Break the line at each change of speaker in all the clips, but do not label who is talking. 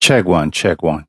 Check one, check one,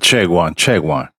check one, check one.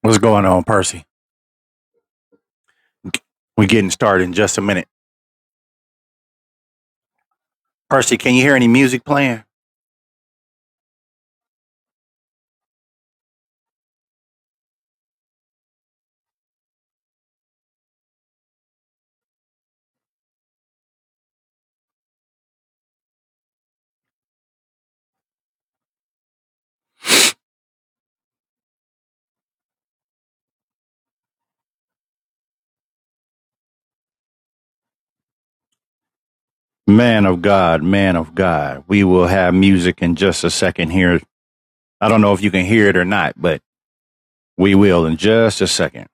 What's going on, Percy? We're getting started in just a minute. Percy, can you hear any music playing? Man of God, man of God, we will have music in just a second here. I don't know if you can hear it or not, but we will in just a second.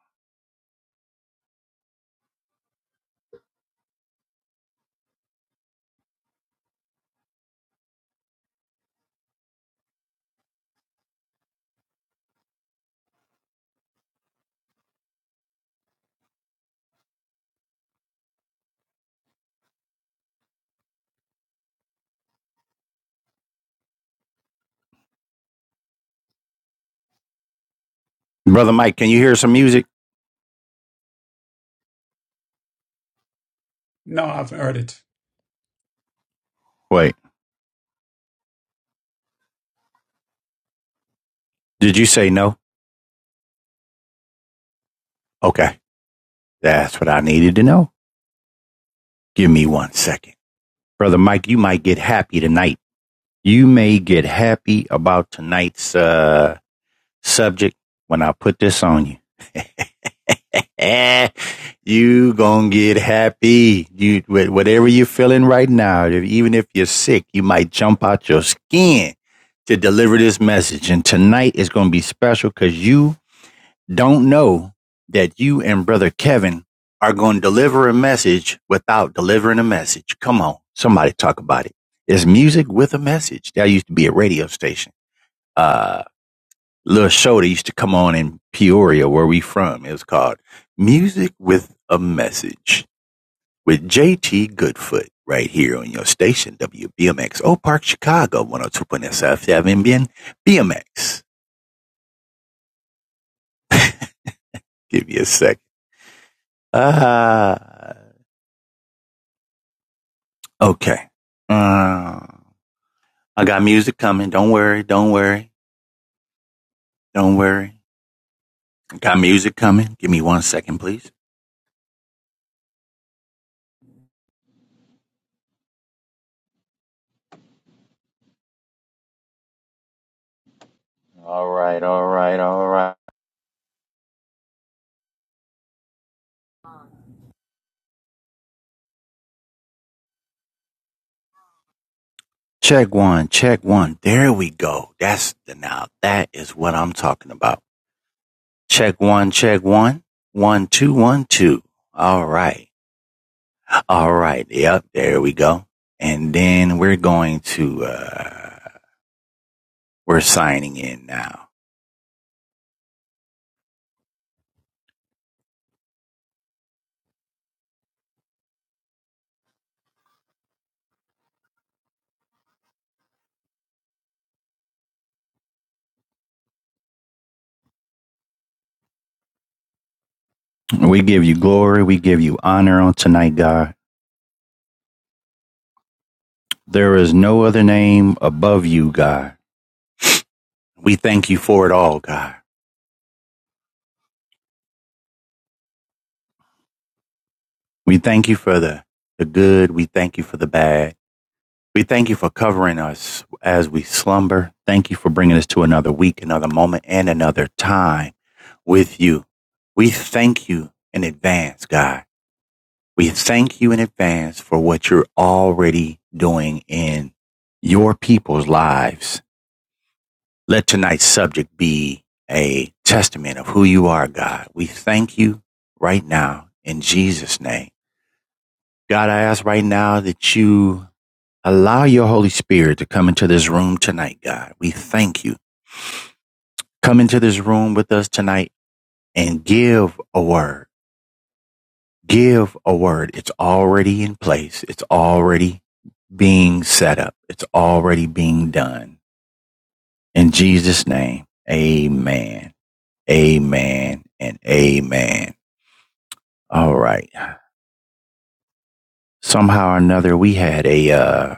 Brother Mike, can you hear some music?
No, I've heard it.
Wait, Did you say no? Okay, that's what I needed to know. Give me one second. Brother Mike, you might get happy tonight. You may get happy about tonight's uh, subject when I put this on you. you gonna get happy. You whatever you're feeling right now, even if you're sick, you might jump out your skin to deliver this message. And tonight is gonna be special because you don't know that you and brother Kevin are gonna deliver a message without delivering a message. Come on, somebody talk about it. It's music with a message. That used to be a radio station. Uh, little show that used to come on in Peoria, where we from. It was called Music with a Message with JT Goodfoot right here on your station, WBMX, Oak Park, Chicago, 102.7 Bien BMX. Give me a sec. Ah, uh, okay. Uh, I got music coming. Don't worry. Don't worry. Don't worry. I got music coming. Give me one second, please. All right, all right, all right. Check one, check one. There we go. That's the now. That is what I'm talking about. Check one, check one. One, two, one, two. All right. All right. Yep. There we go. And then we're going to, uh, we're signing in now. We give you glory. We give you honor on tonight, God. There is no other name above you, God. We thank you for it all, God. We thank you for the, the good. We thank you for the bad. We thank you for covering us as we slumber. Thank you for bringing us to another week, another moment, and another time with you. We thank you in advance, God. We thank you in advance for what you're already doing in your people's lives. Let tonight's subject be a testament of who you are, God. We thank you right now in Jesus' name. God, I ask right now that you Allow your Holy Spirit to come into this room tonight, God. We thank you. Come into this room with us tonight and give a word. Give a word. It's already in place. It's already being set up. It's already being done. In Jesus' name, amen. Amen and amen. All right. Somehow or another, we had a, uh,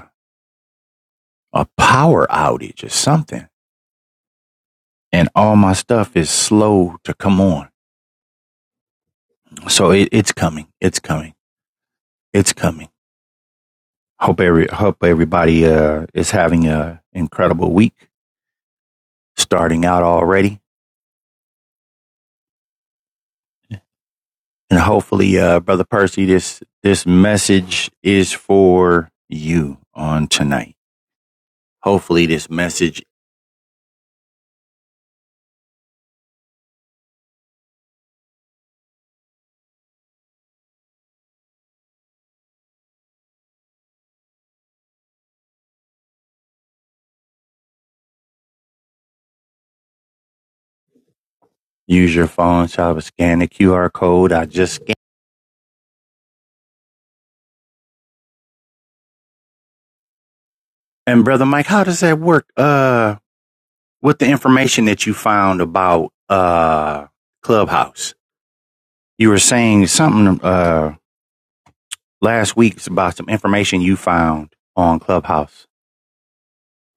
a power outage or something and all my stuff is slow to come on So it, it's coming. It's coming. It's coming. Hope every hope everybody uh, is having a incredible week, starting out already, and hopefully, uh, brother Percy, this this message is for you on tonight. Hopefully, this message. Use your phone. So I was scan the QR code. I just scanned. And brother Mike, how does that work? Uh, with the information that you found about uh Clubhouse, you were saying something. Uh, last week about some information you found on Clubhouse.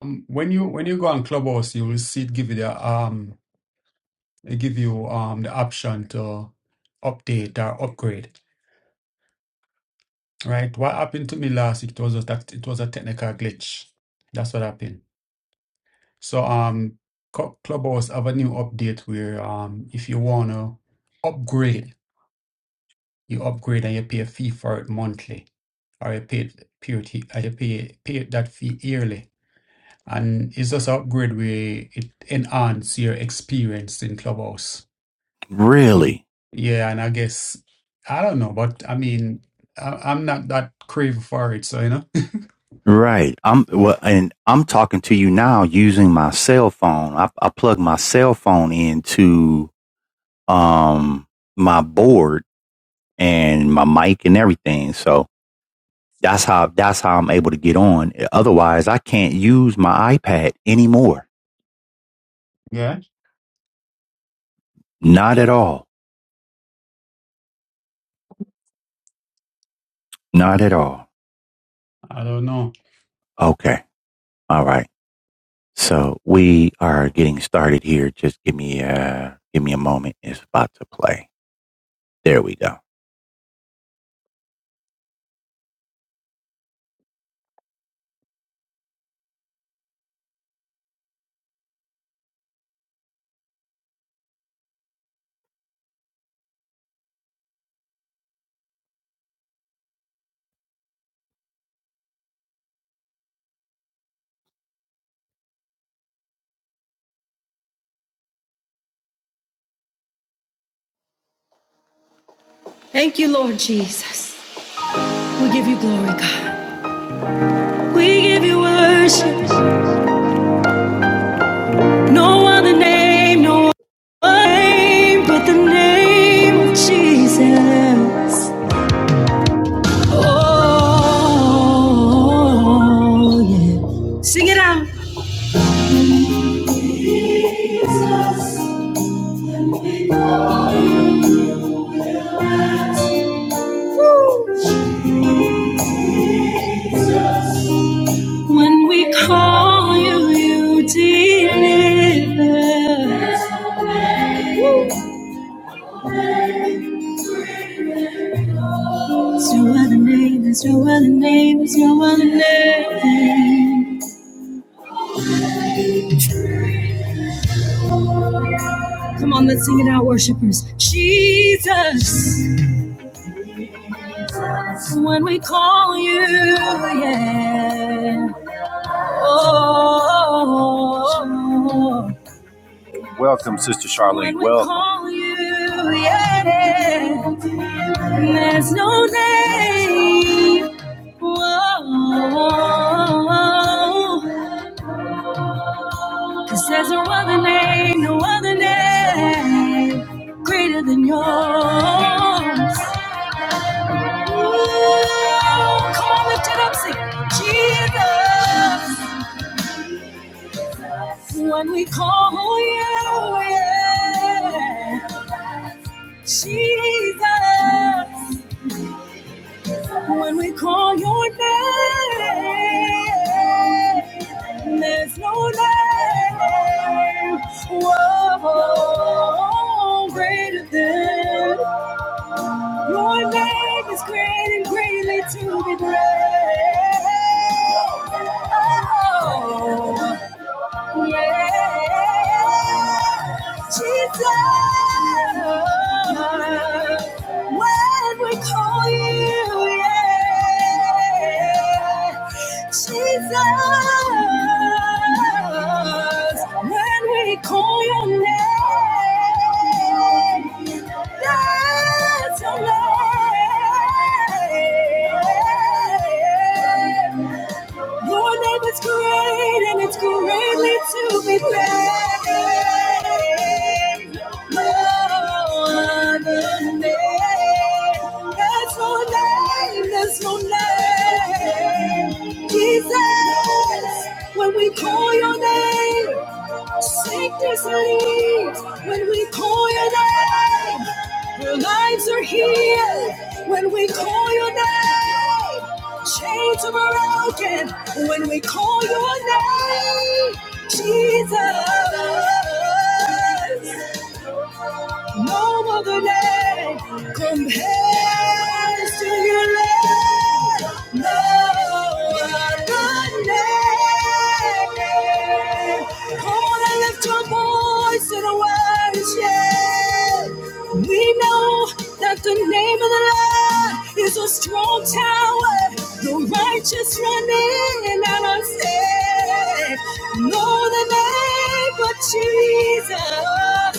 Um, when you when you go on Clubhouse, you will see it give you the um it give you um the option to update or upgrade. Right? What happened to me last week? It was just that it was a technical glitch. That's what happened. So um, Cl- Clubhouse have a new update where um if you wanna upgrade, you upgrade and you pay a fee for it monthly, or you pay it period, or you pay pay that fee yearly. And it's just a great way it enhance your experience in Clubhouse.
Really?
Yeah, and I guess I don't know, but I mean, I, I'm not that crave for it, so you know.
Right. I'm
Yeah,
well, and I'm talking to you now using my cell phone. I, I plug my cell phone into um my board and my mic and everything. So that's how that's how I'm able to get on. Otherwise, I can't use my iPad anymore.
Yeah,
Not at all. Not at all.
I don't know.
Okay. All right. So we are getting started here. Just give me a give me a moment. It's about to play. There we go. Thank you, Lord Jesus. We give you glory, God. We give you worship. No other name, no other name but the name of Jesus. Oh, yeah. Sing it out. Woo. When we call you, you deliver. Woo. There's no other name, there's no other name, there's no other name. Come on, let's sing it out, worshipers. Jesus, when we call you, yeah. Oh, welcome, Sister Charlene. When we welcome. Call you, yeah. There's no name. Whoa. Cause there's no other name, no other name greater than yours. Ooh, come on, lift it up, sing Jesus. When we call you, yeah, oh yeah, Jesus. When we call your name, there's no name. Whoa, greater than your name is great and greatly to be praised. Oh. Yeah, Jesus, when we call you, yeah. Jesus, when we call your name, that's your name. Your name is great and it's greatly to be praised. No other name. There's no name, there's no name. Jesus, when we call your name, sickness leaves. When we call your name, our lives are healed when we call your name. Chains are broken when we call your name. Jesus. No other name compares to your name. No other name. Come on and lift your voice in worship. We know that the name of the Lord is a strong tower. The righteous run in and are safe. No other name but Jesus.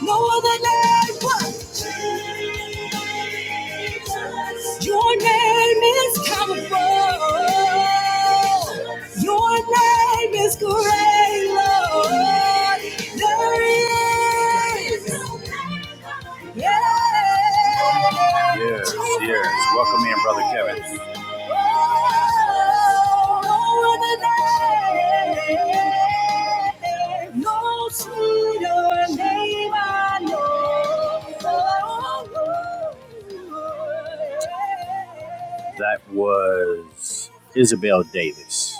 No other name but Jesus. Your name is powerful. Your name is great, Lord. There is. Yes, yes. Welcome in, Brother Kevin. No That was Isabel Davis.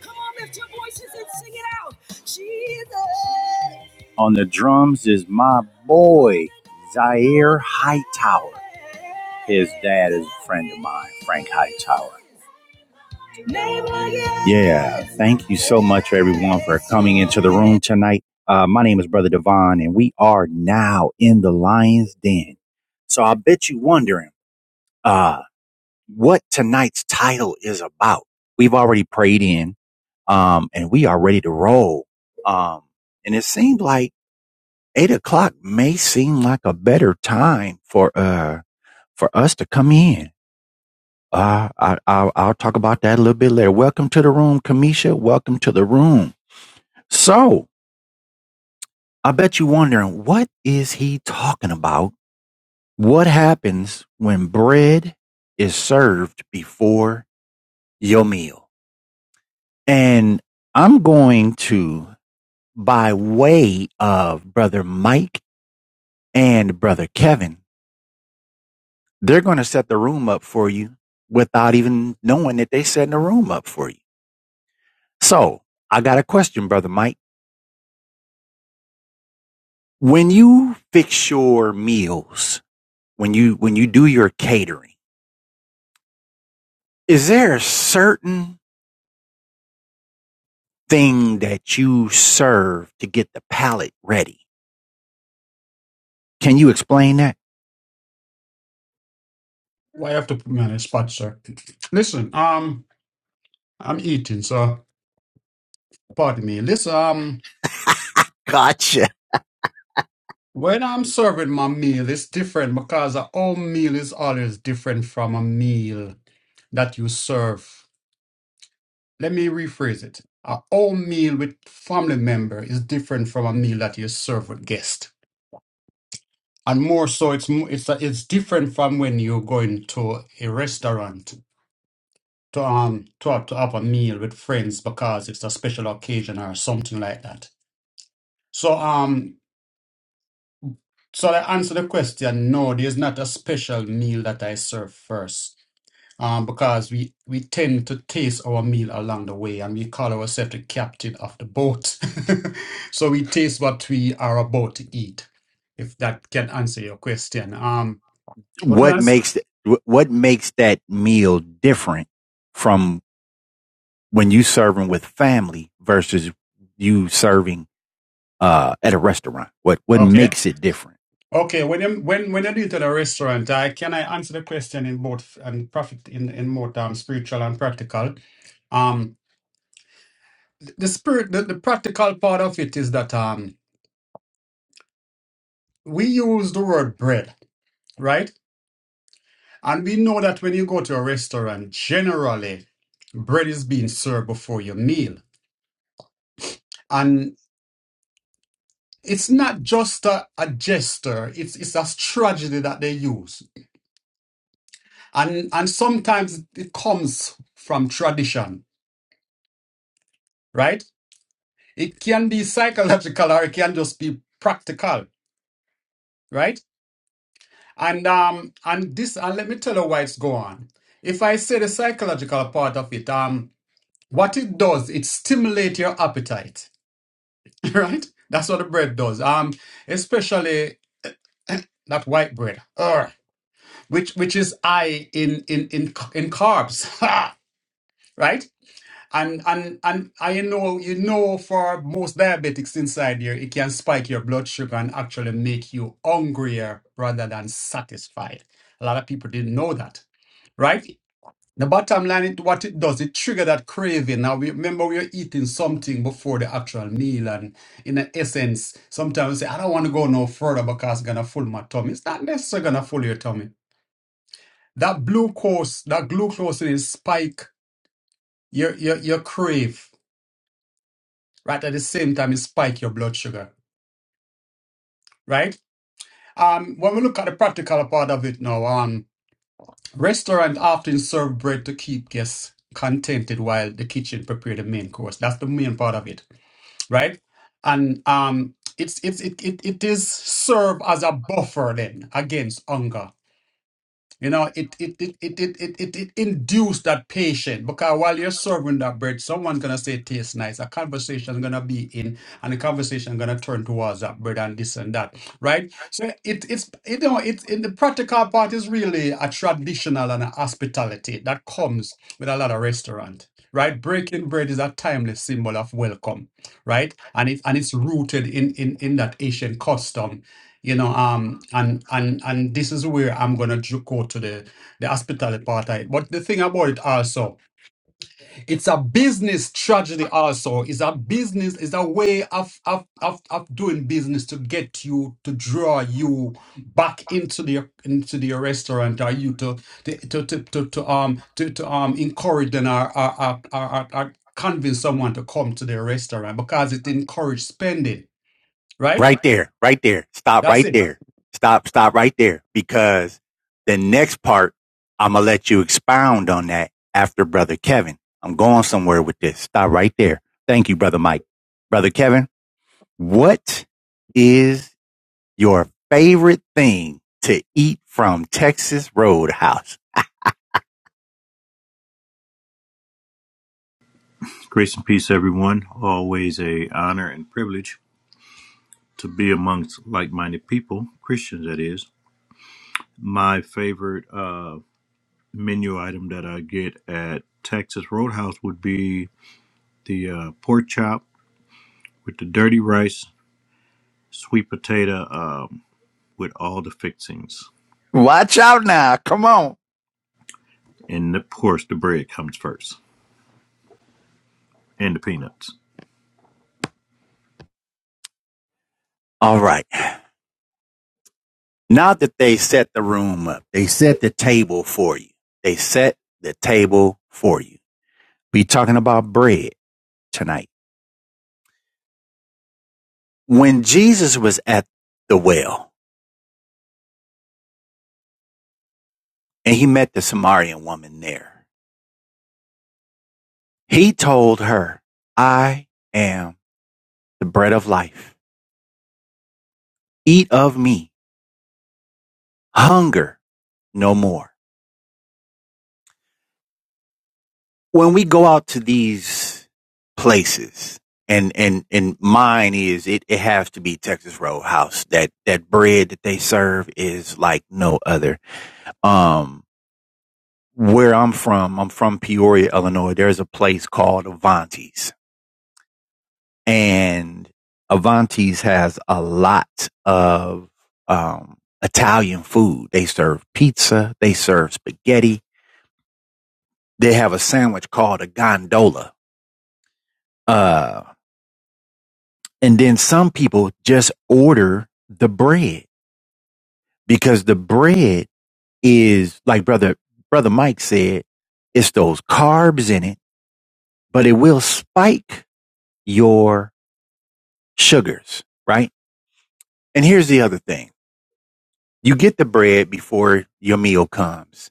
Come on, lift your voices and sing it out. Jesus. On the drums is my boy, Zaire Hightower. His dad is a friend of mine, Frank Hightower. Yeah, thank you so much, everyone, for coming into the room tonight. Uh, my name is Brother Devon, and we are now in the Lion's Den. So I bet you wondering uh, what tonight's title is about. We've already prayed in. Um, and we are ready to roll. Um, and it seemed like eight o'clock may seem like a better time for, uh, for us to come in. Uh, I, I'll, I'll talk about that a little bit later. Welcome to the room, Kamisha. Welcome to the room. So I bet you're wondering, what is he talking about? What happens when bread is served before your meal? And I'm going to, by way of brother Mike and brother Kevin, they're going to set the room up for you without even knowing that they're setting the room up for you. So I got a question, brother Mike. When you fix your meals, when you, when you do your catering, is there a certain thing that you serve to get the palate ready? Can you explain that?
Why you have to put me on the spot, sir? Listen, um, I'm eating, so pardon me. Listen, um,
Gotcha.
when I'm serving my meal, it's different because a whole meal is always different from a meal that you serve. Let me rephrase it. A home meal with family member is different from a meal that you serve with guest. And more so, it's mo- it's it's different from when you're going to a restaurant to um to, to have a meal with friends because it's a special occasion or something like that. So um so I answer the question. No, there's not a special meal that I serve first. um, because we, we tend to taste our meal along the way and we call ourselves the captain of the boat. so we taste what we are about to eat, if that can answer your question. Um, what
What
was
makes, what makes that meal different from when you serving with family versus you serving uh, at a restaurant? What what
okay.
makes it different?
Okay, when I'm, when when I do it at a restaurant, I can I answer the question in both and profit in in both um, spiritual and practical. Um, the spirit, the, the practical part of it is that um, we use the word bread, right? And we know that when you go to a restaurant, generally bread is being served before your meal. And it's not just a, a gesture, it's it's a strategy that they use. And and sometimes it comes from tradition, right? It can be psychological or it can just be practical, right? And um and this and let me tell you why it's go on. If I say the psychological part of it, um what it does, it stimulates your appetite right? That's what the bread does. Um, especially that white bread, Ugh. which which is high in in in in carbs, right? And and and I know you know for most diabetics inside here, it can spike your blood sugar and actually make you hungrier rather than satisfied. A lot of people didn't know that, right? The bottom line, it, what it does, it trigger that craving. Now, we, remember, we are eating something before the actual meal, and in the essence, sometimes we say, I don't want to go no further because it's going to full my tummy. It's not necessarily going to full your tummy. That glucose, that glucose in it spike your, your, your crave, right? At the same time, it spike your blood sugar, right? Um, when we look at the practical part of it now, um, restaurant often serve bread to keep guests contented while the kitchen prepare the main course. That's the main part of it right? And um, it's it's it, it it is serve as a buffer then against hunger you know, it it it it it it it, it induced that patient because while you're serving that bread, someone's gonna say it tastes nice. A conversation's gonna be in, and the conversation gonna turn towards that bread and this and that, right? So it it's you know it's in the practical part is really a traditional and a hospitality that comes with a lot of restaurant, right? Breaking bread is a timeless symbol of welcome, right? And it and it's rooted in in in that Asian custom you know um and and and this is where i'm going to go to the the hospitality part of it. but the thing about it also it's a business tragedy also it's a business it's a way of of of, of doing business to get you to draw you back into the into the restaurant or you to to to to, to, to um to, to um encourage them or or, or, or, or or convince someone to come to their restaurant because it encourages spending right
Right there, right there. Stop
that's
right
it.
there. Stop, stop right there. Because the next part, I'm going to let you expound on that after Brother Kevin. I'm going somewhere with this. Stop right there. Thank you, Brother Mike. Brother Kevin, what is your favorite thing to eat from Texas Roadhouse?
Grace and peace, everyone. Always a honor and privilege to be amongst like-minded people, Christians, that is. My favorite uh, menu item that I get at Texas Roadhouse would be the uh, pork chop with the dirty rice, sweet potato um, with all the fixings,
Watch out now. Come on.
and of course the bread comes first, and the peanuts.
All right. Not that they set the room up. They set the table for you. They set the table for you. We're talking about bread tonight. When Jesus was at the well and he met the Samaritan woman there, he told her, I am the bread of life. Eat of me. Hunger no more. when we go out to these places and and and mine is it it has to be Texas Roadhouse that that bread that they serve is like no other um where I'm from I'm from Peoria Illinois there's a place called Avanti's and Avanti's has a lot of um Italian food they serve pizza they serve spaghetti they have a sandwich called a gondola Uh. And then some people just order the bread because the bread is like brother, brother Mike said, it's those carbs in it, but it will spike your sugars, right? And here's the other thing. You get the bread before your meal comes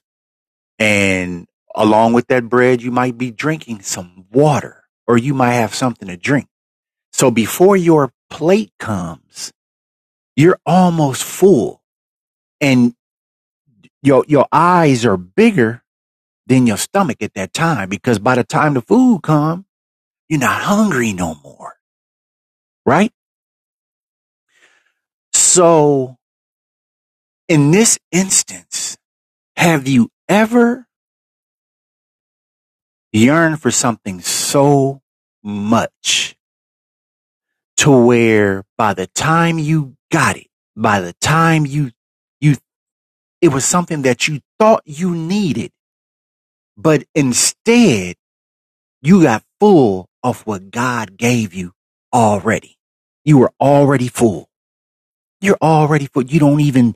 and along with that bread, you might be drinking some water or you might have something to drink. So before your plate comes, you're almost full and. your your eyes are bigger than your stomach at that time because by the time the food come, you're not hungry no more, right? So in this instance, have you ever yearned for something so much to where by the time you got it, by the time you you it was something that you thought you needed, but instead You got full of what God gave you already. You were already full. You're already full. You don't even,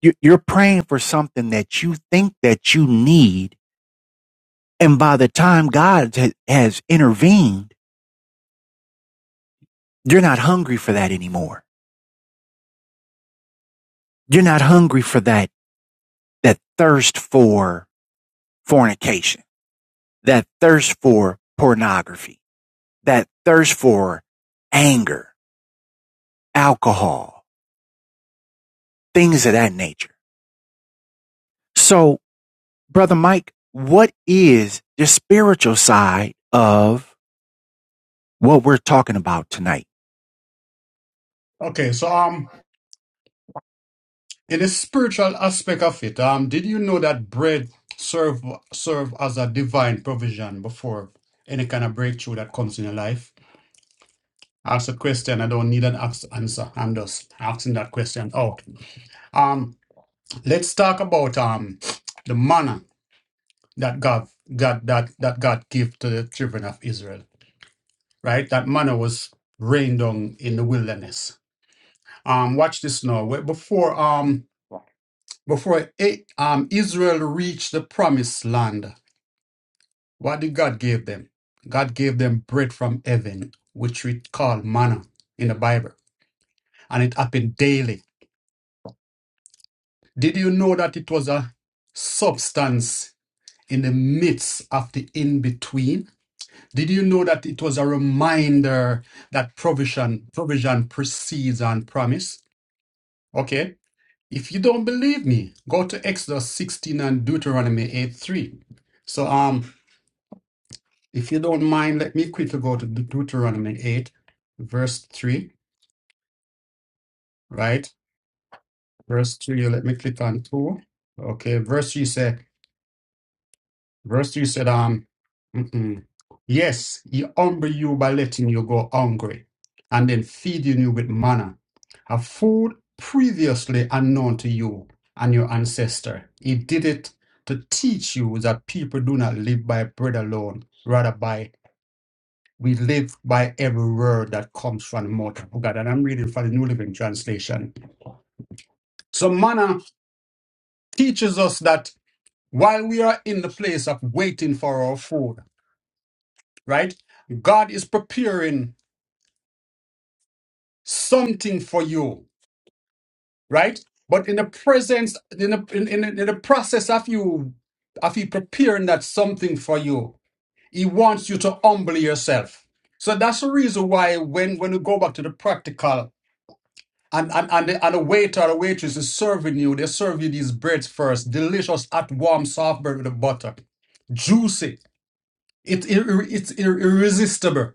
you're, you're praying for something that you think that you need. And by the time God ha- has intervened, you're not hungry for that anymore. You're not hungry for that, that thirst for fornication, that thirst for pornography, that thirst for anger, alcohol, things of that nature. So Brother Mike, what is the spiritual side of what we're talking about tonight?
Okay, so um, in the spiritual aspect of it, um, did you know that bread serve serve as a divine provision before any kind of breakthrough that comes in your life? Ask a question. I don't need an ax- answer. I'm just asking that question out. Um, let's talk about um the manna. that God God that that God gave to the children of Israel, right? That manna was rained down in the wilderness. Um, watch this now. Where- Before um before it, um Israel reached the promised land, what did God give them? God gave them bread from heaven, which we call manna in the Bible, and it happened daily. Did you know that it was a substance in the midst of the in between? Did you know that it was a reminder that provision provision precedes on promise? Okay. If you don't believe me, go to Exodus 16 and Deuteronomy 8 3. So um if you don't mind, let me quickly go to De- Deuteronomy 8, verse 3, right? Verse 3, let me click on 2. Okay, verse 3 says, Verse 3 said, um, mm-mm. Yes, he humble you by letting you go hungry and then feeding you with manna, a food previously unknown to you and your ancestor. He did it to teach you that people do not live by bread alone, rather by we live by every word that comes from the mouth of God. And I'm reading from the New Living Translation. So manna teaches us that while we are in the place of waiting for our food, right? God is preparing something for you, right? But in the presence, in the in, in, in the process of you of He preparing that something for you, He wants you to humble yourself. So that's the reason why when when you go back to the practical and and, and, the, and the waiter or the waitress is serving you, they serve you these breads first, delicious hot warm soft bread with the butter, juicy. It, it, it's irresistible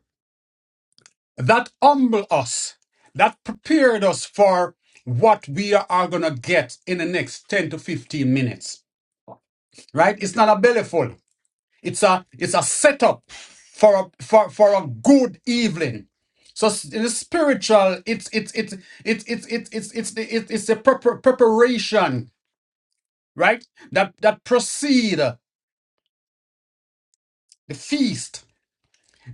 that humble us, that prepared us for what we are going to get in the next 10 to 15 minutes, right? It's not a bellyful. It's a, it's a setup for a, for, for a good evening. So s- in the spiritual, it's, it's, it's, it's, it's, it's, it's, it's the, it's it's the prepar- preparation, right? That, that precede the feast,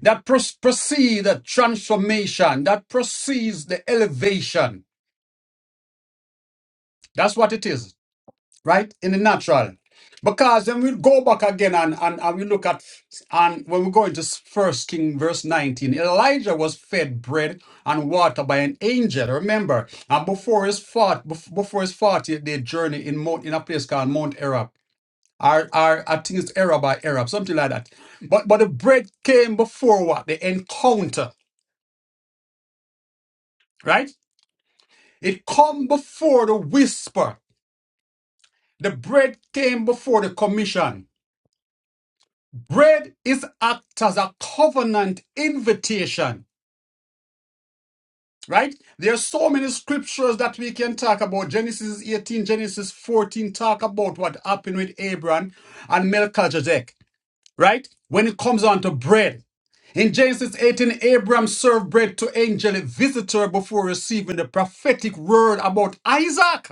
that pros- precede the transformation, that precedes the elevation. That's what it is. right? In the natural. Because then we go back again and, and, and we look at and when we go into first King verse 19, Elijah was fed bread and water by an angel. Remember, and before his fort bef- before his 40 day journey in Mount in a place called Mount Arab. Or, or I think it's Arab by Arab, something like that. But but the bread came before what? The encounter, right? It come before the whisper. The bread came before the commission. Bread is act as a covenant invitation, right? There are so many scriptures that we can talk about. Genesis 18, Genesis 14 talk about what happened with Abraham and Melchizedek, right? When it comes on to bread. In Genesis 18, Abraham served bread to angelic visitor before receiving the prophetic word about Isaac.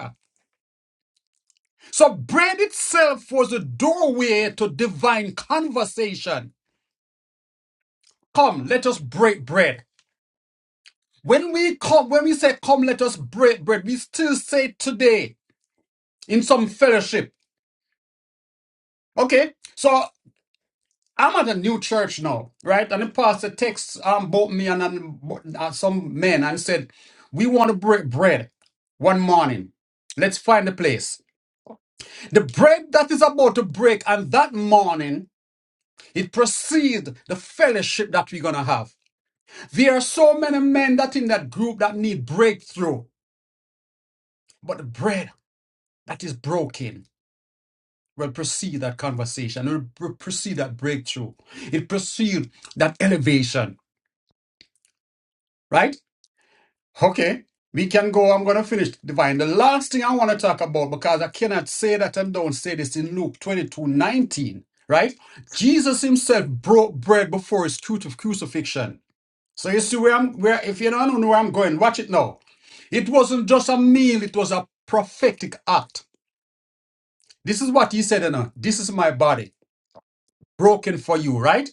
So bread itself was a doorway to divine conversation. Come, let us break bread. When we come, when we say come, let us break bread, we still say today in some fellowship. Okay, so I'm at a new church now, right? And the pastor texts um, both me and, and uh, some men and said, "We want to break bread one morning. Let's find a place. The bread that is about to break, and that morning it precedes the fellowship that we're gonna have. There are so many men that in that group that need breakthrough, but the bread that is broken. will precede that conversation, it will pre- precede that breakthrough, it precede that elevation, right? Okay, we can go. I'm going to finish divine. The last thing I want to talk about, because I cannot say that and don't say this in Luke 22:19. right? Jesus himself broke bread before his cruci- crucifixion. So you see where I'm where if you don't know where I'm going, watch it now. It wasn't just a meal, it was a prophetic act. This is what he said, you know, this is my body broken for you, right?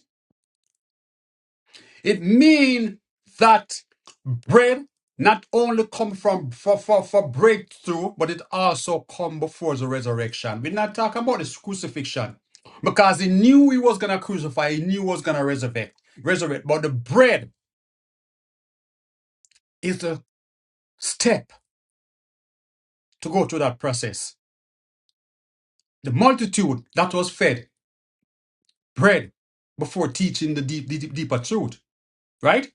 It means that bread not only come from for, for, for breakthrough, but it also come before the resurrection. We're not talking about this crucifixion because he knew he was gonna crucify, he knew he was gonna resurrect, resurrect. But the bread is the step to go through that process. The multitude that was fed bread before teaching the deep, deep deeper truth, right?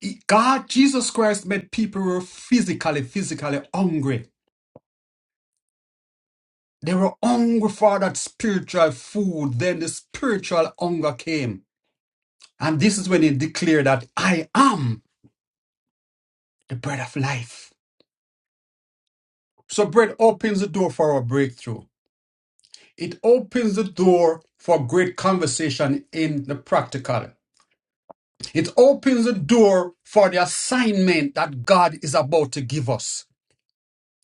He- God, Jesus Christ made people who were physically, physically hungry They were hungry for that spiritual food. Then the spiritual hunger came. And this is when he declared that I am the bread of life. So, bread opens the door for a breakthrough. It opens the door for great conversation in the practical. It opens the door for the assignment that God is about to give us.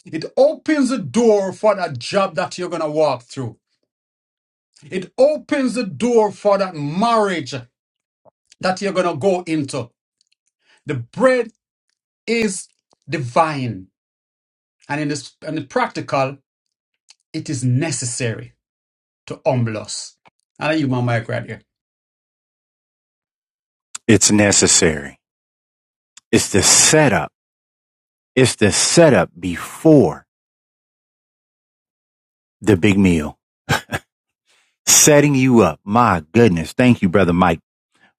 It opens the door for that job that you're going to walk through. It opens the door for that marriage that you're going to go into. The bread is divine, and in this and the practical, it is necessary to humble us. And I use my mic right here.
It's necessary. It's the setup. It's the setup before the big meal. Setting you up. My goodness. Thank you, Brother Mike,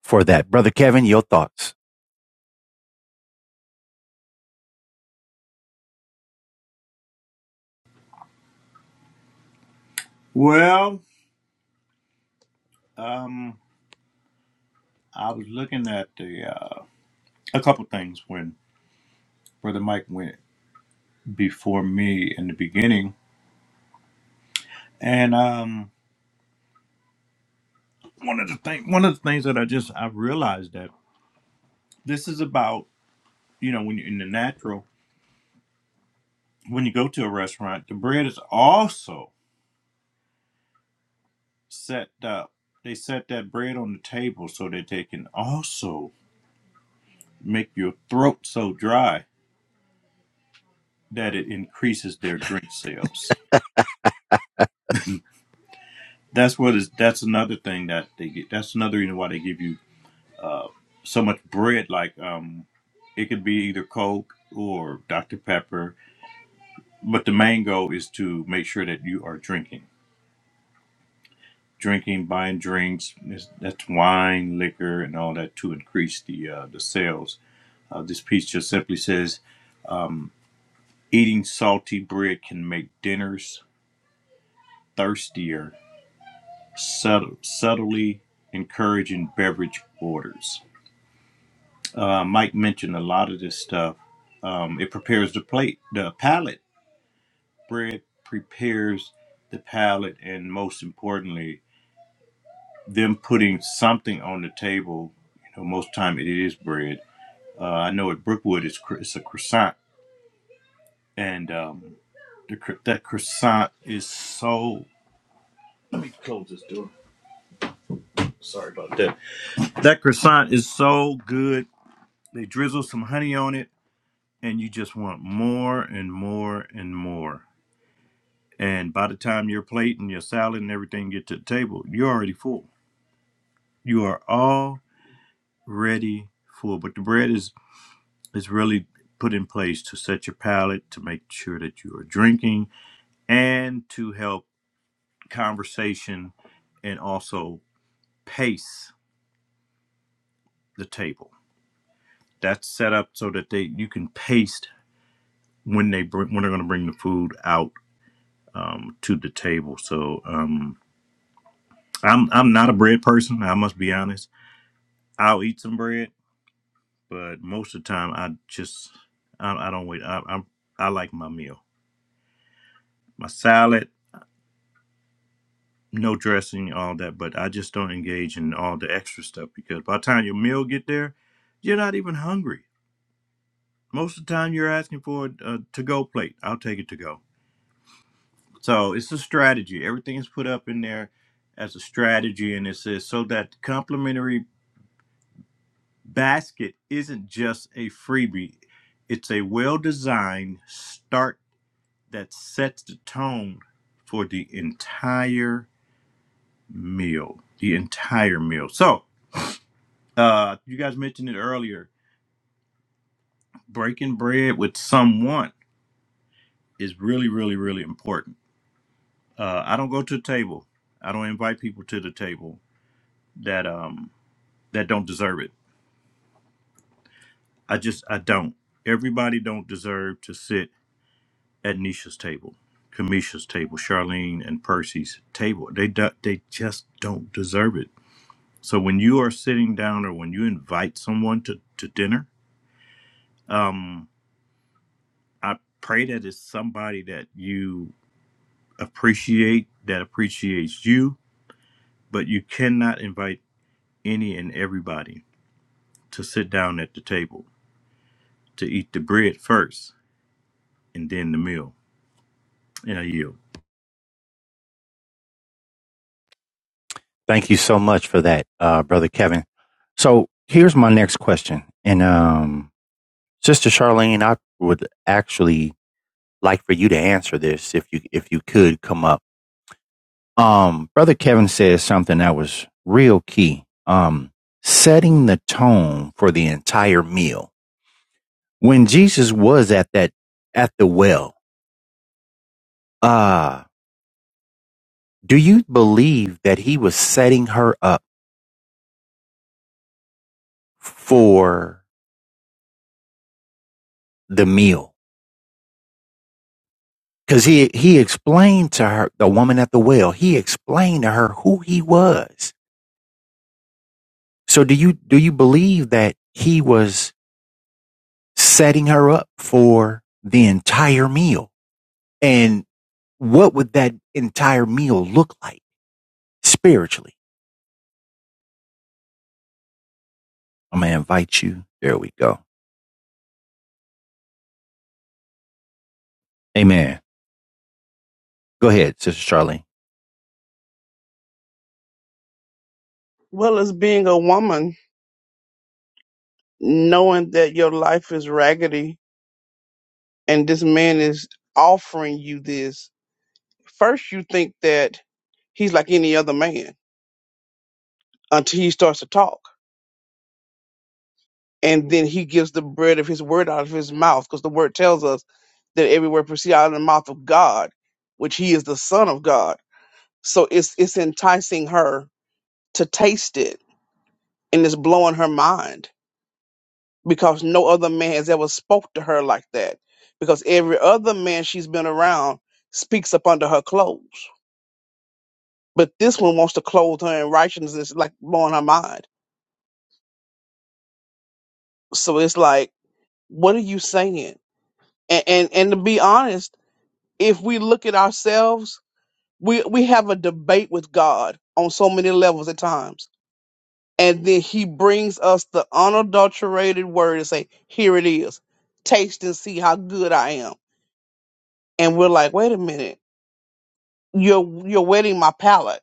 for that. Brother Kevin, your thoughts.
Well, um, I was looking at the uh, a couple things when Brother Mike went. before me in the beginning. And um, one of the thing, one of the things that I just I realized that this is about you know when you're in the natural when you go to a restaurant, the bread is also set up. They set that bread on the table so that they can also make your throat so dry that it increases their drink sales. That's what is. That's another thing that they get. That's another reason why they give you so much bread. Like um, it could be either Coke or Dr Pepper But the main goal is to make sure that you are drinking, drinking, buying drinks. That's that's wine, liquor, and all that to increase the uh, the sales. Uh, this piece just simply says um, eating salty bread can make dinners thirstier, subtle, subtly encouraging beverage orders. Uh, Mike mentioned a lot of this stuff. Um, it prepares the plate, the palate. Bread prepares the palate, and most importantly, them putting something on the table. You know, most time it is bread. Uh, I know at Brookwood it's cro- it's a croissant, and um, the, cro- that croissant is so. Let me close this door. Sorry about that. That croissant is so good. They drizzle some honey on it, and you just want more and more and more. And by the time your plate and your salad and everything get to the table, you're already full. You are already full. But the bread is is really put in place to set your palate, to make sure that you are drinking, and to help conversation and also pace the table. That's set up so that they you can pace when they bring when they're going to bring the food out um, to the table. So um, I'm I'm not a bread person. I must be honest. I'll eat some bread, but most of the time I just I, I don't wait. I, I I like my meal, my salad no dressing, all that, but I just don't engage in all the extra stuff because by the time your meal get there, you're not even hungry. Most of the time, you're asking for a, a to-go plate. I'll take it to go. So it's a strategy. Everything is put up in there as a strategy, and it says so that the complimentary basket isn't just a freebie. It's a well-designed start that sets the tone for the entire meal. The entire meal. So uh you guys mentioned it earlier breaking bread with someone is really really really important uh i don't go to the table i don't invite people to the table that um that don't deserve it i just i don't everybody don't deserve to sit at nisha's table kamisha's table charlene and percy's table they do, they just don't deserve it so when you are sitting down or when you invite someone to to dinner um i pray that it's somebody that you appreciate that appreciates you, but you cannot invite any and everybody to sit down at the table to eat the bread first and then the meal. And I yield.
Thank you so much for that, uh, Brother Kevin. So here's my next question. And um, Sister Charlene, I would actually like for you to answer this if you if you could come up. Um, Brother Kevin says something that was real key. Um, setting the tone for the entire meal. When Jesus was at that, at the well, uh, do you believe that he was setting her up for the meal? Cause he, he explained to her, the woman at the well, he explained to her who he was. So do you, do you believe that he was setting her up for the entire meal? And what would that entire meal look like spiritually? I'm going to invite you. There we go. Amen. Go ahead, Sister Charlene.
Well, as being a woman, knowing that your life is raggedy and this man is offering you this, first you think that he's like any other man until he starts to talk. And then he gives the bread of his word out of his mouth because the word tells us that every word proceeds out of the mouth of God, which he is the son of God. So it's it's enticing her to taste it and it's blowing her mind. because no other man has ever spoke to her like that. Because every other man she's been around speaks up under her clothes. But this one wants to clothe her in righteousness, like blowing her mind. So it's like, what are you saying? And and, and to be honest, if we look at ourselves, we, we have a debate with God on so many levels at times. And then he brings us the unadulterated word and say, Here it is. Taste and see how good I am. And we're like, wait a minute you're you're wetting my palate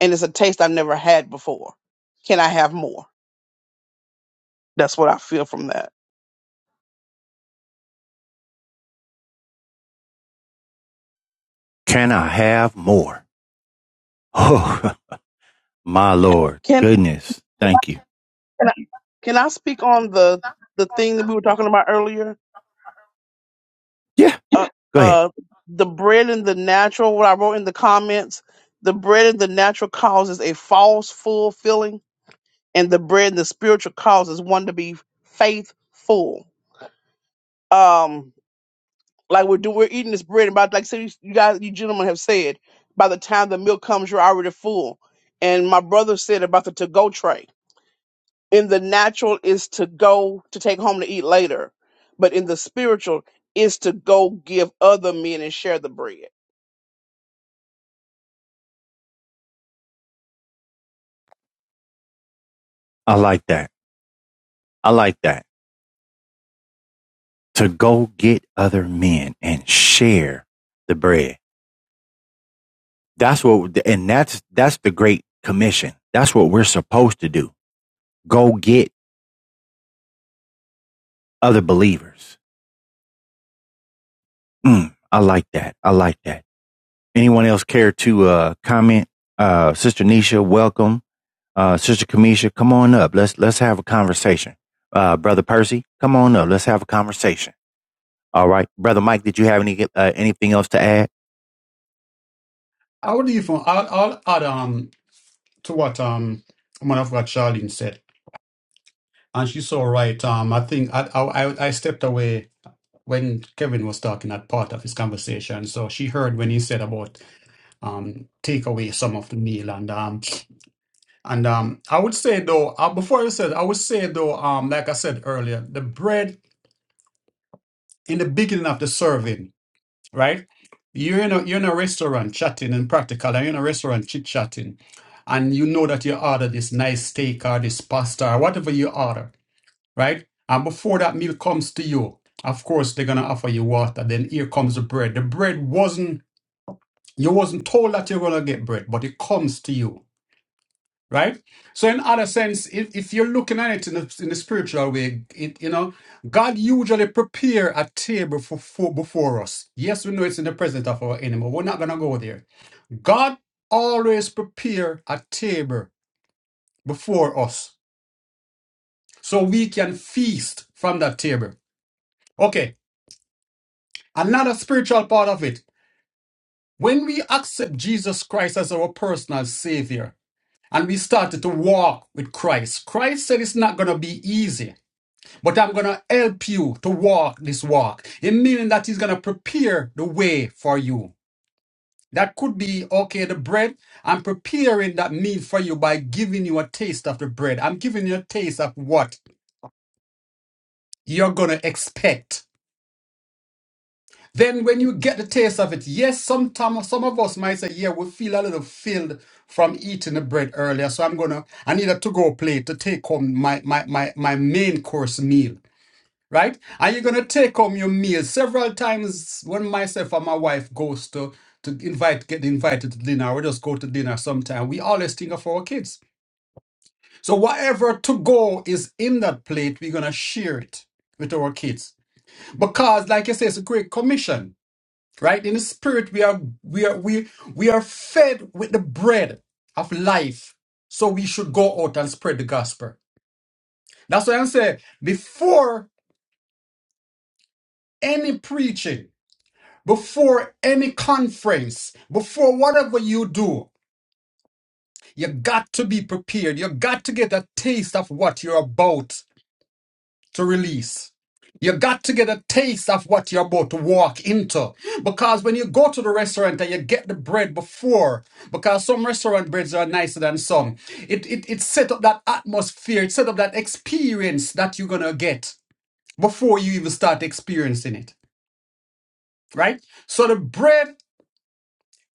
and it's a taste I've never had before. Can I have more? That's what I feel from that.
Can I have more? Oh, my Lord.
Can
Goodness. Thank you.
can I, can I speak on the the thing that we were talking about earlier?
Yeah,
Uh,
go ahead.
uh, the bread and the natural. What I wrote in the comments. The bread and the natural causes a false full feeling, and the bread and the spiritual causes one to be faithful. Um, Like we're doing, we're eating this bread, and by like so you, you guys, you gentlemen have said, by the time the meal comes, you're already full. And my brother said about the to go tray. In the natural is to go to take home to eat later, but in the spiritual is to go give other men and share the bread.
I like that. I like that. To go get other men and share the bread. That's what, and that's, that's the great commission. That's what we're supposed to do. Go get other believers Mm, I like that. I like that. Anyone else care to uh, comment? Uh, Sister Nisha, welcome. Uh, Sister Kamisha, come on up. Let's let's have a conversation. Uh, Brother Percy, come on up. Let's have a conversation. All right, Brother Mike, did you have any uh, anything else to add?
I would even I'll, I'll add um to what um woman of God Charlene said, and she's so right. Um, I think I I I stepped away when Kevin was talking at part of his conversation, so she heard when he said about um take away some of the meal and um and um I would say though uh, before I said I would say though um like I said earlier, the bread in the beginning of the serving, right? You're in a you're in a restaurant chatting and practical, and you're in a restaurant chit chatting, and you know that you order this nice steak or this pasta or whatever you order, right? And before that meal comes to you, of course they're gonna offer you water. Then here comes the bread. The bread wasn't you wasn't told that you're gonna get bread, but it comes to you right? So, in other sense, if, if you're looking at it in the in a spiritual way, it, you know, God usually prepare a table for, for before us. Yes, we know it's in the presence of our enemy. We're not gonna go there. God always prepare a table before us, so we can feast from that table. Okay, another spiritual part of it. When we accept Jesus Christ as our personal Savior, and we started to walk with Christ. Christ said it's not going to be easy. But I'm going to help you to walk this walk. It meaning that He's going to prepare the way for you. That could be, okay, the bread. I'm preparing that meal for you by giving you a taste of the bread. I'm giving you a taste of what you're going to expect. Then when you get the taste of it, yes, sometime, some of us might say, yeah, we feel a little filled from eating the bread earlier. So I'm going to, I need a to-go plate to take home my, my, my, my main course meal. right? And you're gonna take home your meal several times. When myself and my wife goes to to invite get invited to dinner, we just go to dinner sometime. We always think of our kids. So whatever to go is in that plate, we're gonna share it with our kids because, like I say, it's a great commission, right? In the spirit, we are we are we we are fed with the bread of life. So we should go out and spread the gospel. That's why I'm saying before any preaching, before any conference, before whatever you do, you got to be prepared. You got to get a taste of what you're about to release. You got to get a taste of what you're about to walk into. Because when you go to the restaurant and you get the bread before, because some restaurant breads are nicer than some, it, it, it set up that atmosphere, it set up that experience that you're going to get before you even start experiencing it, right? So the bread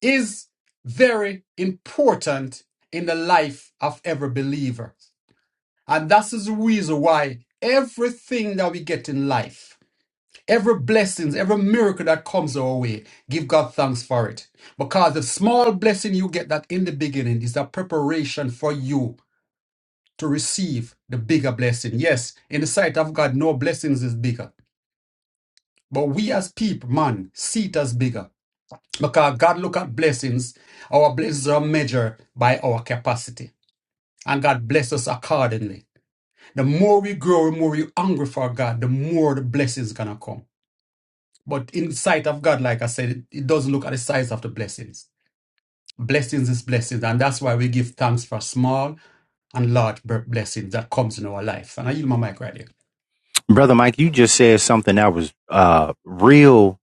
is very important in the life of every believer. And that is the reason why everything that we get in life, every blessings, every miracle that comes our way, give God thanks for it. Because the small blessing you get that in the beginning is the preparation for you to receive the bigger blessing. Yes, in the sight of God, no blessings is bigger. But we as people, man, see it as bigger. Because God look at blessings. Our blessings are measured by our capacity. And God bless us accordingly. The more we grow, the more we hunger for God, the more the blessings gonna come. But in sight of God, like I said, it, it doesn't look at the size of the blessings. Blessings is blessings, and that's why we give thanks for small and large blessings that comes in our life. And I yield my mic right here.
brother Mike, you just said something that was uh real.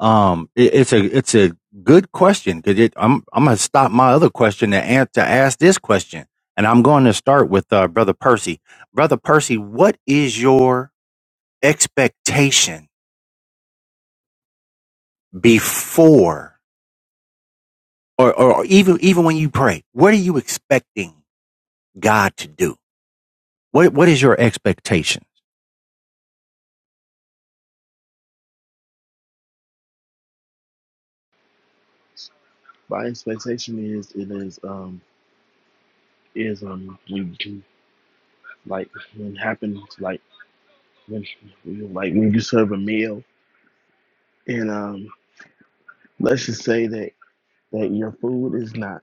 Um, it, it's a it's a good question because it, I'm I'm gonna stop my other question to answer to ask this question, and I'm going to start with uh, brother Percy. Brother Percy, what is your expectation before or, or even even when you pray? What are you expecting God to do? What what is your expectation?
My expectation is it is um is um when you like when happens like when like when you serve a meal and um let's just say that that your food is not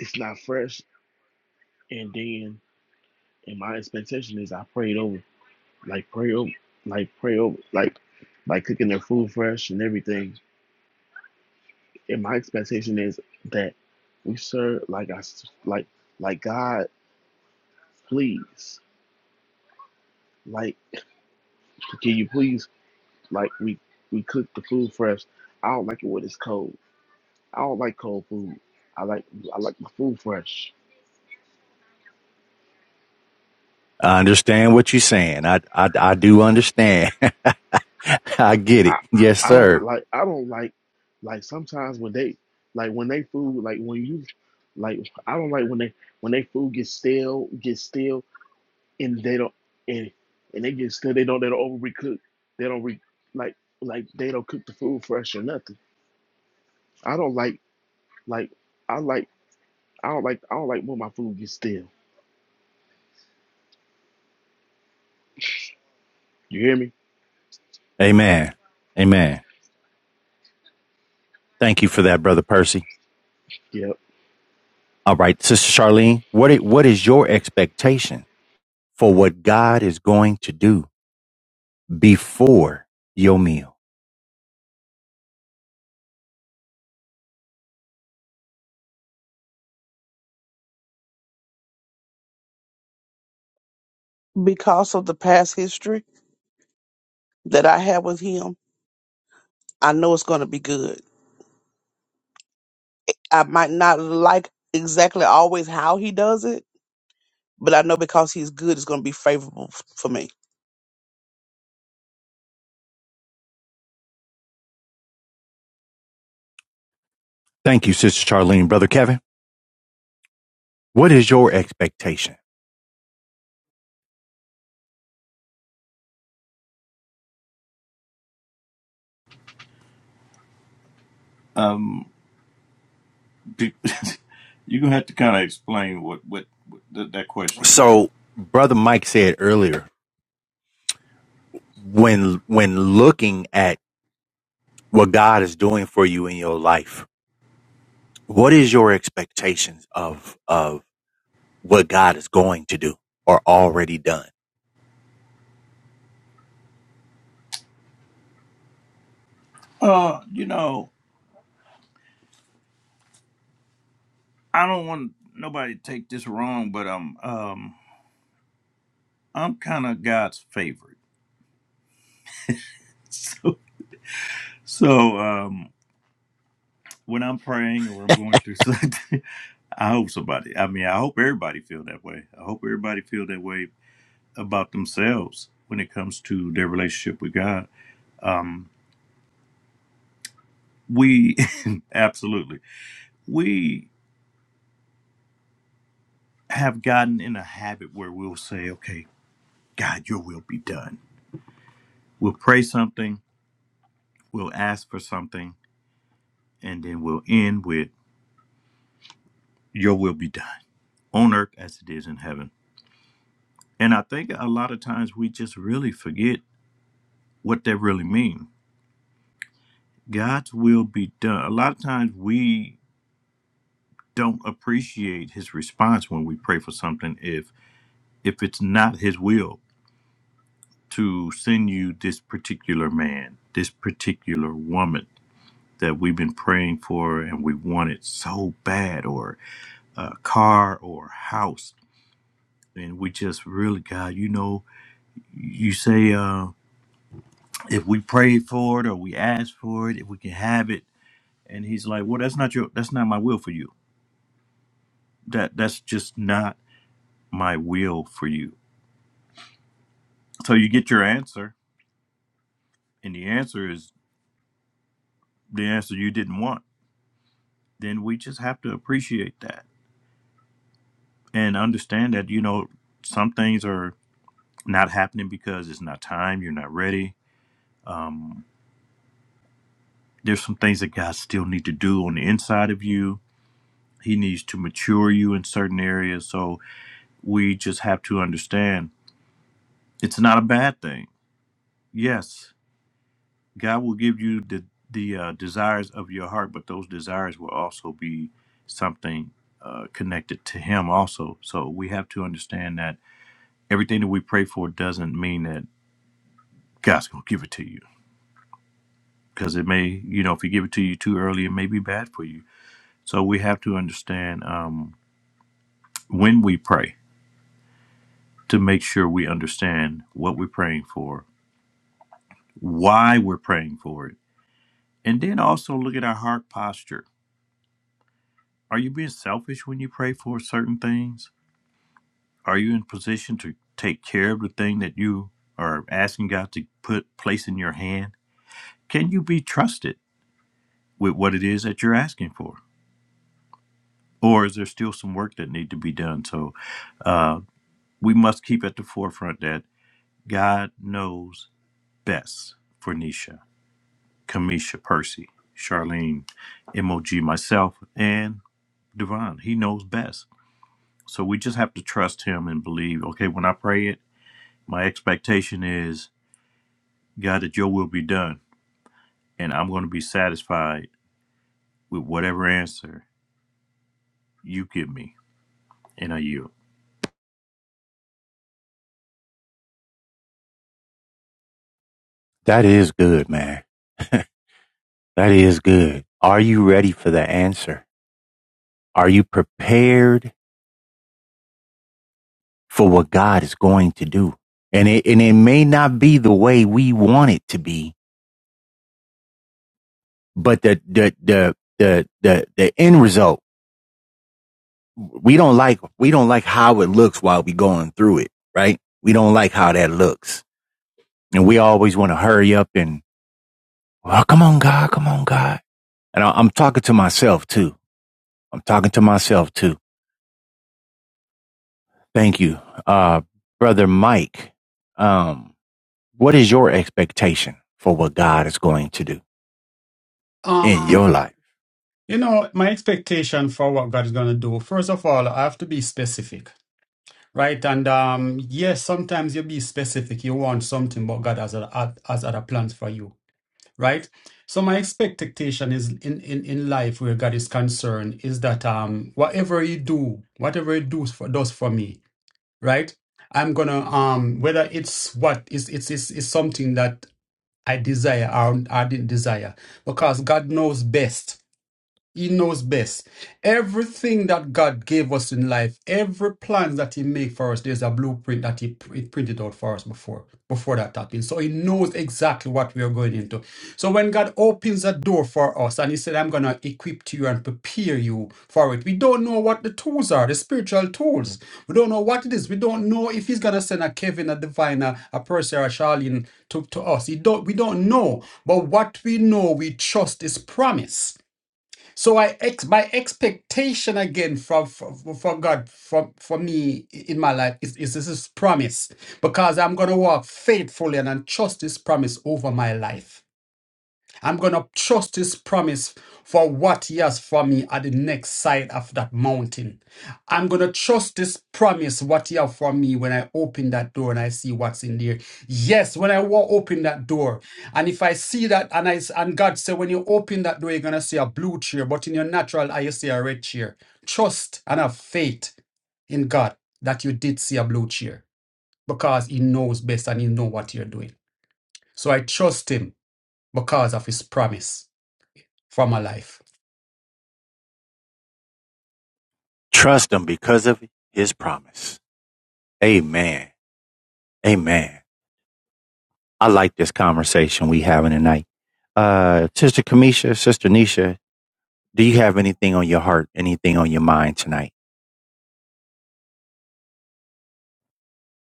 it's not fresh and then and my expectation is I prayed over like pray over like pray over like like cooking their food fresh and everything and my expectation is that we serve like I s- like like God please like can you please Like we we cook the food fresh. I don't like it when it's cold. I don't like cold food. I like I like my food fresh.
I understand what you're saying. I I, I do understand. I get it.
I
Yes,
I don't
sir.
like I don't like like sometimes when they like when they food like when you like I don't like when they when they food gets stale gets stale and they don't and and they get stale they don't they don't overcook they don't re, like like they don't cook the food fresh or nothing. I don't like like I like I don't like I don't like when my food gets stale. You hear me?
Amen. Amen. Thank you for that, Brother Percy.
Yeah.
All right, Sister Charlene, what i- what is your expectation for what God is going to do before your meal?
Because of the past history that I had with him, I know it's going to be good. I might not like exactly always how he does it But I know because he's good, it's going to be favorable f- for me.
Thank you, Sister Charlene. Brother Kevin, what is your expectation?
Um, did, you're gonna have to kind of explain what what, what that, that question again.
So, Brother Mike said earlier, when when looking at what God is doing for you in your life, what is your expectations of of what God is going to do or already done?
Uh, you know, I don't want nobody to take this wrong, but um, um, I'm kind of God's favorite. So, so um, when I'm praying or I'm going through something, I hope somebody. I mean, I hope everybody feel that way. I hope everybody feel that way about themselves when it comes to their relationship with God. Um, we absolutely we have gotten in a habit where we'll say, "Okay, God, Your will be done." We'll pray something, we'll ask for something, and then we'll end with, "Your will be done on earth as it is in heaven." And I think a lot of times we just really forget what that really means. God's will be done. A lot of times we don't appreciate his response when we pray for something if if it's not his will to send you this particular man this particular woman that we've been praying for and we want it so bad or a car or a house and we just really god you know you say uh if we pray for it or we ask for it if we can have it and he's like well that's not your that's not my will for you that that's just not my will for you so you get your answer and the answer is the answer you didn't want, then we just have to appreciate that and understand that, you know, some things are not happening because it's not time, you're not ready. There's some things that God still need to do on the inside of you. He needs to mature you in certain areas. So we just have to understand it's not a bad thing. Yes, God will give you the the uh, desires of your heart, but those desires will also be something uh, connected to Him also. So we have to understand that everything that we pray for doesn't mean that God's going to give it to you, because it may, you know, if He give it to you too early, it may be bad for you. So we have to understand um, when we pray to make sure we understand what we're praying for, why we're praying for it, and then also look at our heart posture. Are you being selfish when you pray for certain things? Are you in position to take care of the thing that you are asking God to put place in your hand? Can you be trusted with what it is that you're asking for? Or is there still some work that need to be done? So uh, we must keep at the forefront that God knows best for Nisha, Kamisha, Percy, Charlene, MOG, myself, and Devon. He knows best. So we just have to trust him and believe, okay, when I pray it, my expectation is, God, that your will be done and I'm going to be satisfied with whatever answer you give me. And I yield.
That is good, man. That is good. Are you ready for the answer? Are you prepared for what God is going to do? And it, and it may not be the way we want it to be, but the, the, the, the, the, the end result, we don't like, we don't like how it looks while we going through it, right? We don't like how that looks. And we always want to hurry up and, oh, come on, God, come on, God. And I, I'm talking to myself too. I'm talking to myself too. Thank you. Uh, brother Mike. Um, What is your expectation for what God is going to do
Um,
in your life?
you know, my expectation for what God is gonna do, first of all, I have to be specific Right, and um, yes, sometimes you be specific. You want something, but God has other, has other plans for you, right? So my expectation is in, in in life where God is concerned is that um, whatever you do, whatever He does for does for me, right? I'm gonna um, whether it's what is it's it's it's something that I desire or I didn't desire, because God knows best he knows best. Everything that God gave us in life, every plan that He made for us, there's a blueprint that He pr- it printed out for us before before that happened. So He knows exactly what we are going into. So when God opens a door for us and He said, "I'm gonna equip you and prepare you for it," we don't know what the tools are, the spiritual tools. We don't know what it is. We don't know if He's gonna send a Kevin, a Divine, a, a Percy, or a Charlene to, to us. He don't. We don't know. But what we know, we trust His promise. So I ex my expectation again from from, from God from for me in my life is, is this is promise because I'm gonna walk faithfully and I trust this promise over my life. I'm going to trust his promise for what he has for me at the next side of that mountain. I'm going to trust this promise, what he has for me when I open that door and I see what's in there. Yes, when I walk open that door, and if I see that, and I and God said, when you open that door, you're going to see a blue chair, but in your natural eye, you see a red chair. Trust and have faith in God that you did see a blue chair because he knows best and he knows what you're doing. So I trust him because of his promise from her life.
Trust Him because of His promise. Amen. Amen. I like this conversation we having tonight. Uh, Sister Kamisha, Sister Nisha, do you have anything on your heart, anything on your mind tonight?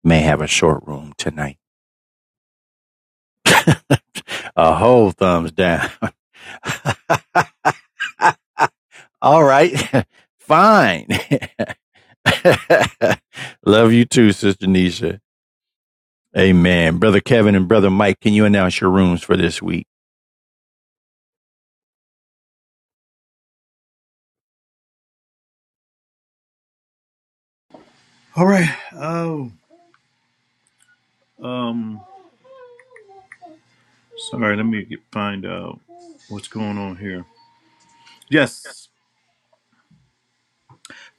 May have a short room tonight. a whole thumbs down. All right. Fine. Love you too, Sister Nisha. Amen. Brother Kevin and Brother Mike, can you announce your rooms for this week?
All right. Oh, um, sorry. Let me get, find out what's going on here. Yes,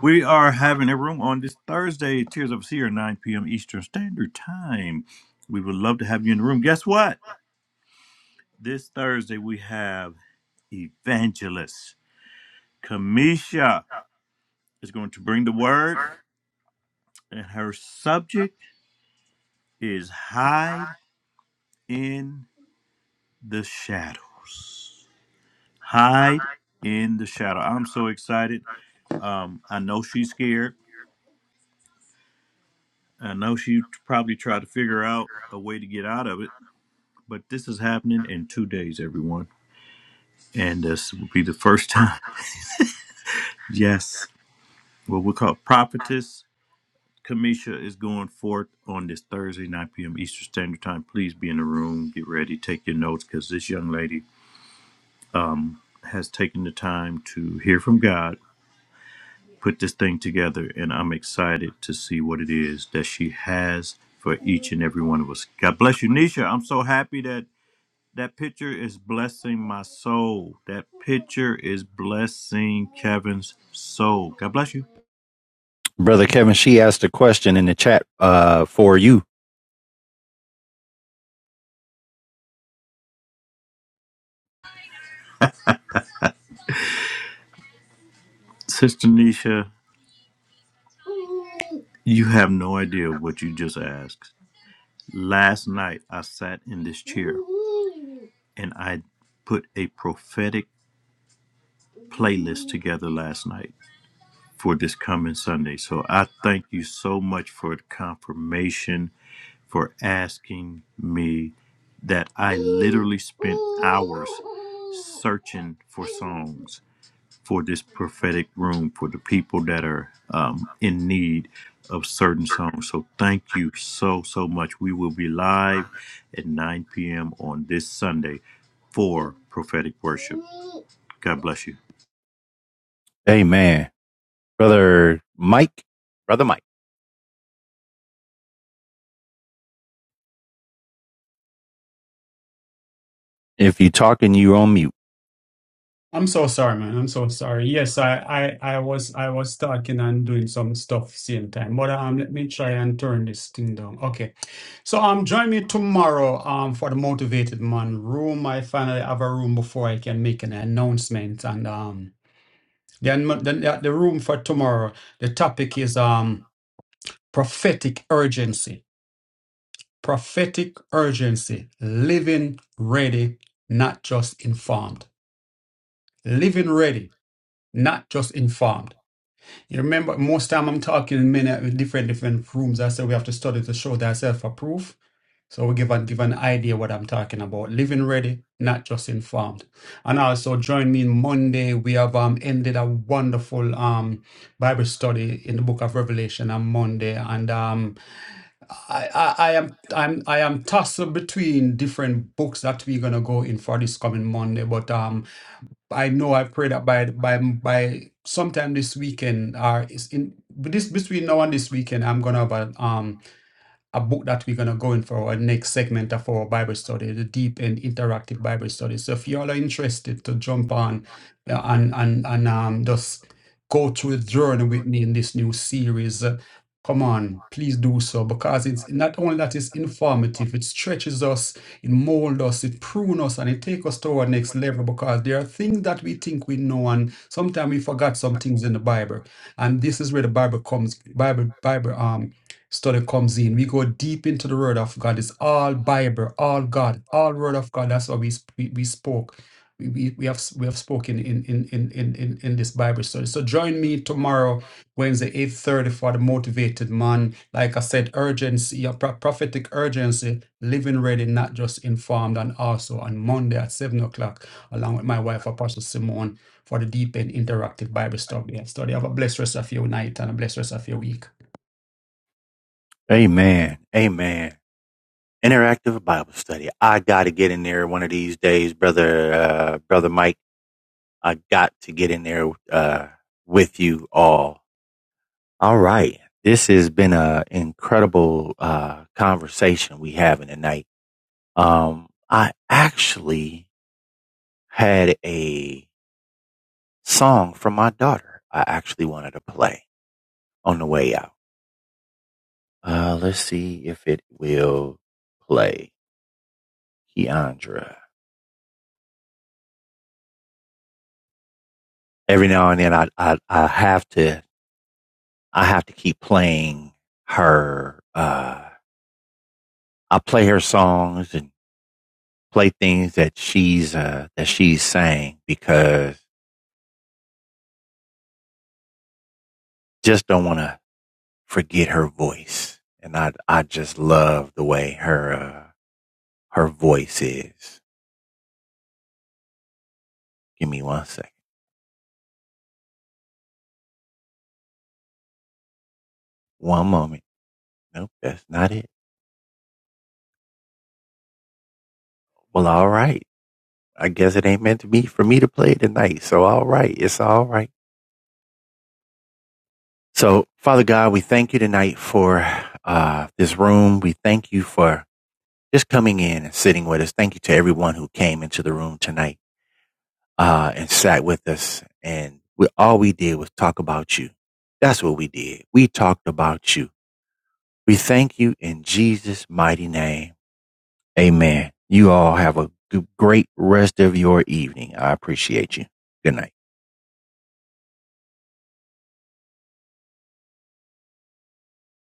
we are having a room on this Thursday, Tears of a Seer, 9 p.m. Eastern Standard Time. We would love to have you in the room. Guess what? This Thursday we have evangelist Kamisha is going to bring the word, and her subject is hide in. the shadows. Hide in the shadow. I'm so excited. Um, I know she's scared. I know she probably tried to figure out a way to get out of it, but this is happening in two days, everyone. And this will be the first time. Yes. What we call prophetess Kamisha is going forth on this Thursday, 9 p.m. Eastern Standard Time. Please be in the room. Get ready. Take your notes because this young lady has taken the time to hear from God put this thing together, and I'm excited to see what it is that she has for each and every one of us. God bless you, Nisha. I'm so happy that that picture is blessing my soul. That picture is blessing Kevin's soul. God bless you,
Brother Kevin, she asked a question in the chat uh, for you.
Sister Nisha. You have no idea what you just asked. Last night, I sat in this chair and I put a prophetic playlist together last night for this coming Sunday. So I thank you so much for the confirmation for asking me that I literally spent hours searching for songs for this prophetic room for the people that are um, in need of certain songs. So thank you so, so much. We will be live at 9 p.m. on this Sunday for prophetic worship. God bless you.
Amen. Brother Mike, Brother Mike, if you talking, you're on mute.
I'm so sorry, man. I'm so sorry. Yes, I, I, I was, I was talking and doing some stuff same time. But um, let me try and turn this thing down. Okay. So um, join me tomorrow um for the Motivated Man room. I finally have a room before I can make an announcement. And um, then the, the the room for tomorrow. The topic is um prophetic urgency. Prophetic urgency. Living ready, not just informed. Living ready not just informed. You remember, most time I'm talking in many different different rooms. I said we have to study to show thyself approved. So we give and give an idea what I'm talking about. Living ready, not just informed. And also join me Monday. We have um ended a wonderful um Bible study in the book of Revelation on Monday. And um I, I, I am I'm I am tossed between different books that we're gonna go in for this coming Monday. But um I know I've prayed that by by by sometime this weekend or is in but this between now and this weekend I'm gonna have a um a book that we're going to go in for our next segment of our Bible study, the deep and interactive Bible study. So if y'all are interested to jump on uh, and and and um just go through the journey with me in this new series, uh, come on, please do so because it's not only that it's informative, it stretches us, it molds us, it prunes us, and it takes us to our next level because there are things that we think we know and sometimes we forgot some things in the Bible, and this is where the Bible comes, Bible Bible um study comes in. We go deep into the word of God. It's all Bible, all God, all word of God. That's what we sp- we, we spoke. We, we, we have we have spoken in in, in, in in in this Bible study. So join me tomorrow, Wednesday, 8:30 for the motivated man. Like I said, urgency, a pro- prophetic urgency, living ready, not just informed, and also on Monday at seven o'clock, along with my wife, Apostle Simone, for the deep and interactive Bible study. Study. Have a blessed rest of your night and a blessed rest of your week.
Amen. Amen. Interactive Bible study. I got to get in there one of these days, Brother uh, Brother Mike. I got to get in there uh, with you all. All right. This has been an incredible uh, conversation we having tonight. Um, I actually had a song from my daughter. I actually wanted to play on the way out. Uh, let's see if it will play Keandra. Every now and then, I, I, I have to, I have to keep playing her, uh, I play her songs and play things that she's, uh, that she's sang because just don't want to forget her voice. And I, I just love the way her, uh, her voice is. Give me one second. One moment. Nope, that's not it. Well, all right. I guess it ain't meant to be for me to play tonight. So, all right. It's all right. So, Father God, we thank you tonight for uh, this room. We thank you for just coming in and sitting with us. Thank you to everyone who came into the room tonight uh, and sat with us. And we, all we did was talk about you. That's what we did. We talked about you. We thank you in Jesus' mighty name. Amen. You all have a great rest of your evening. I appreciate you. Good night.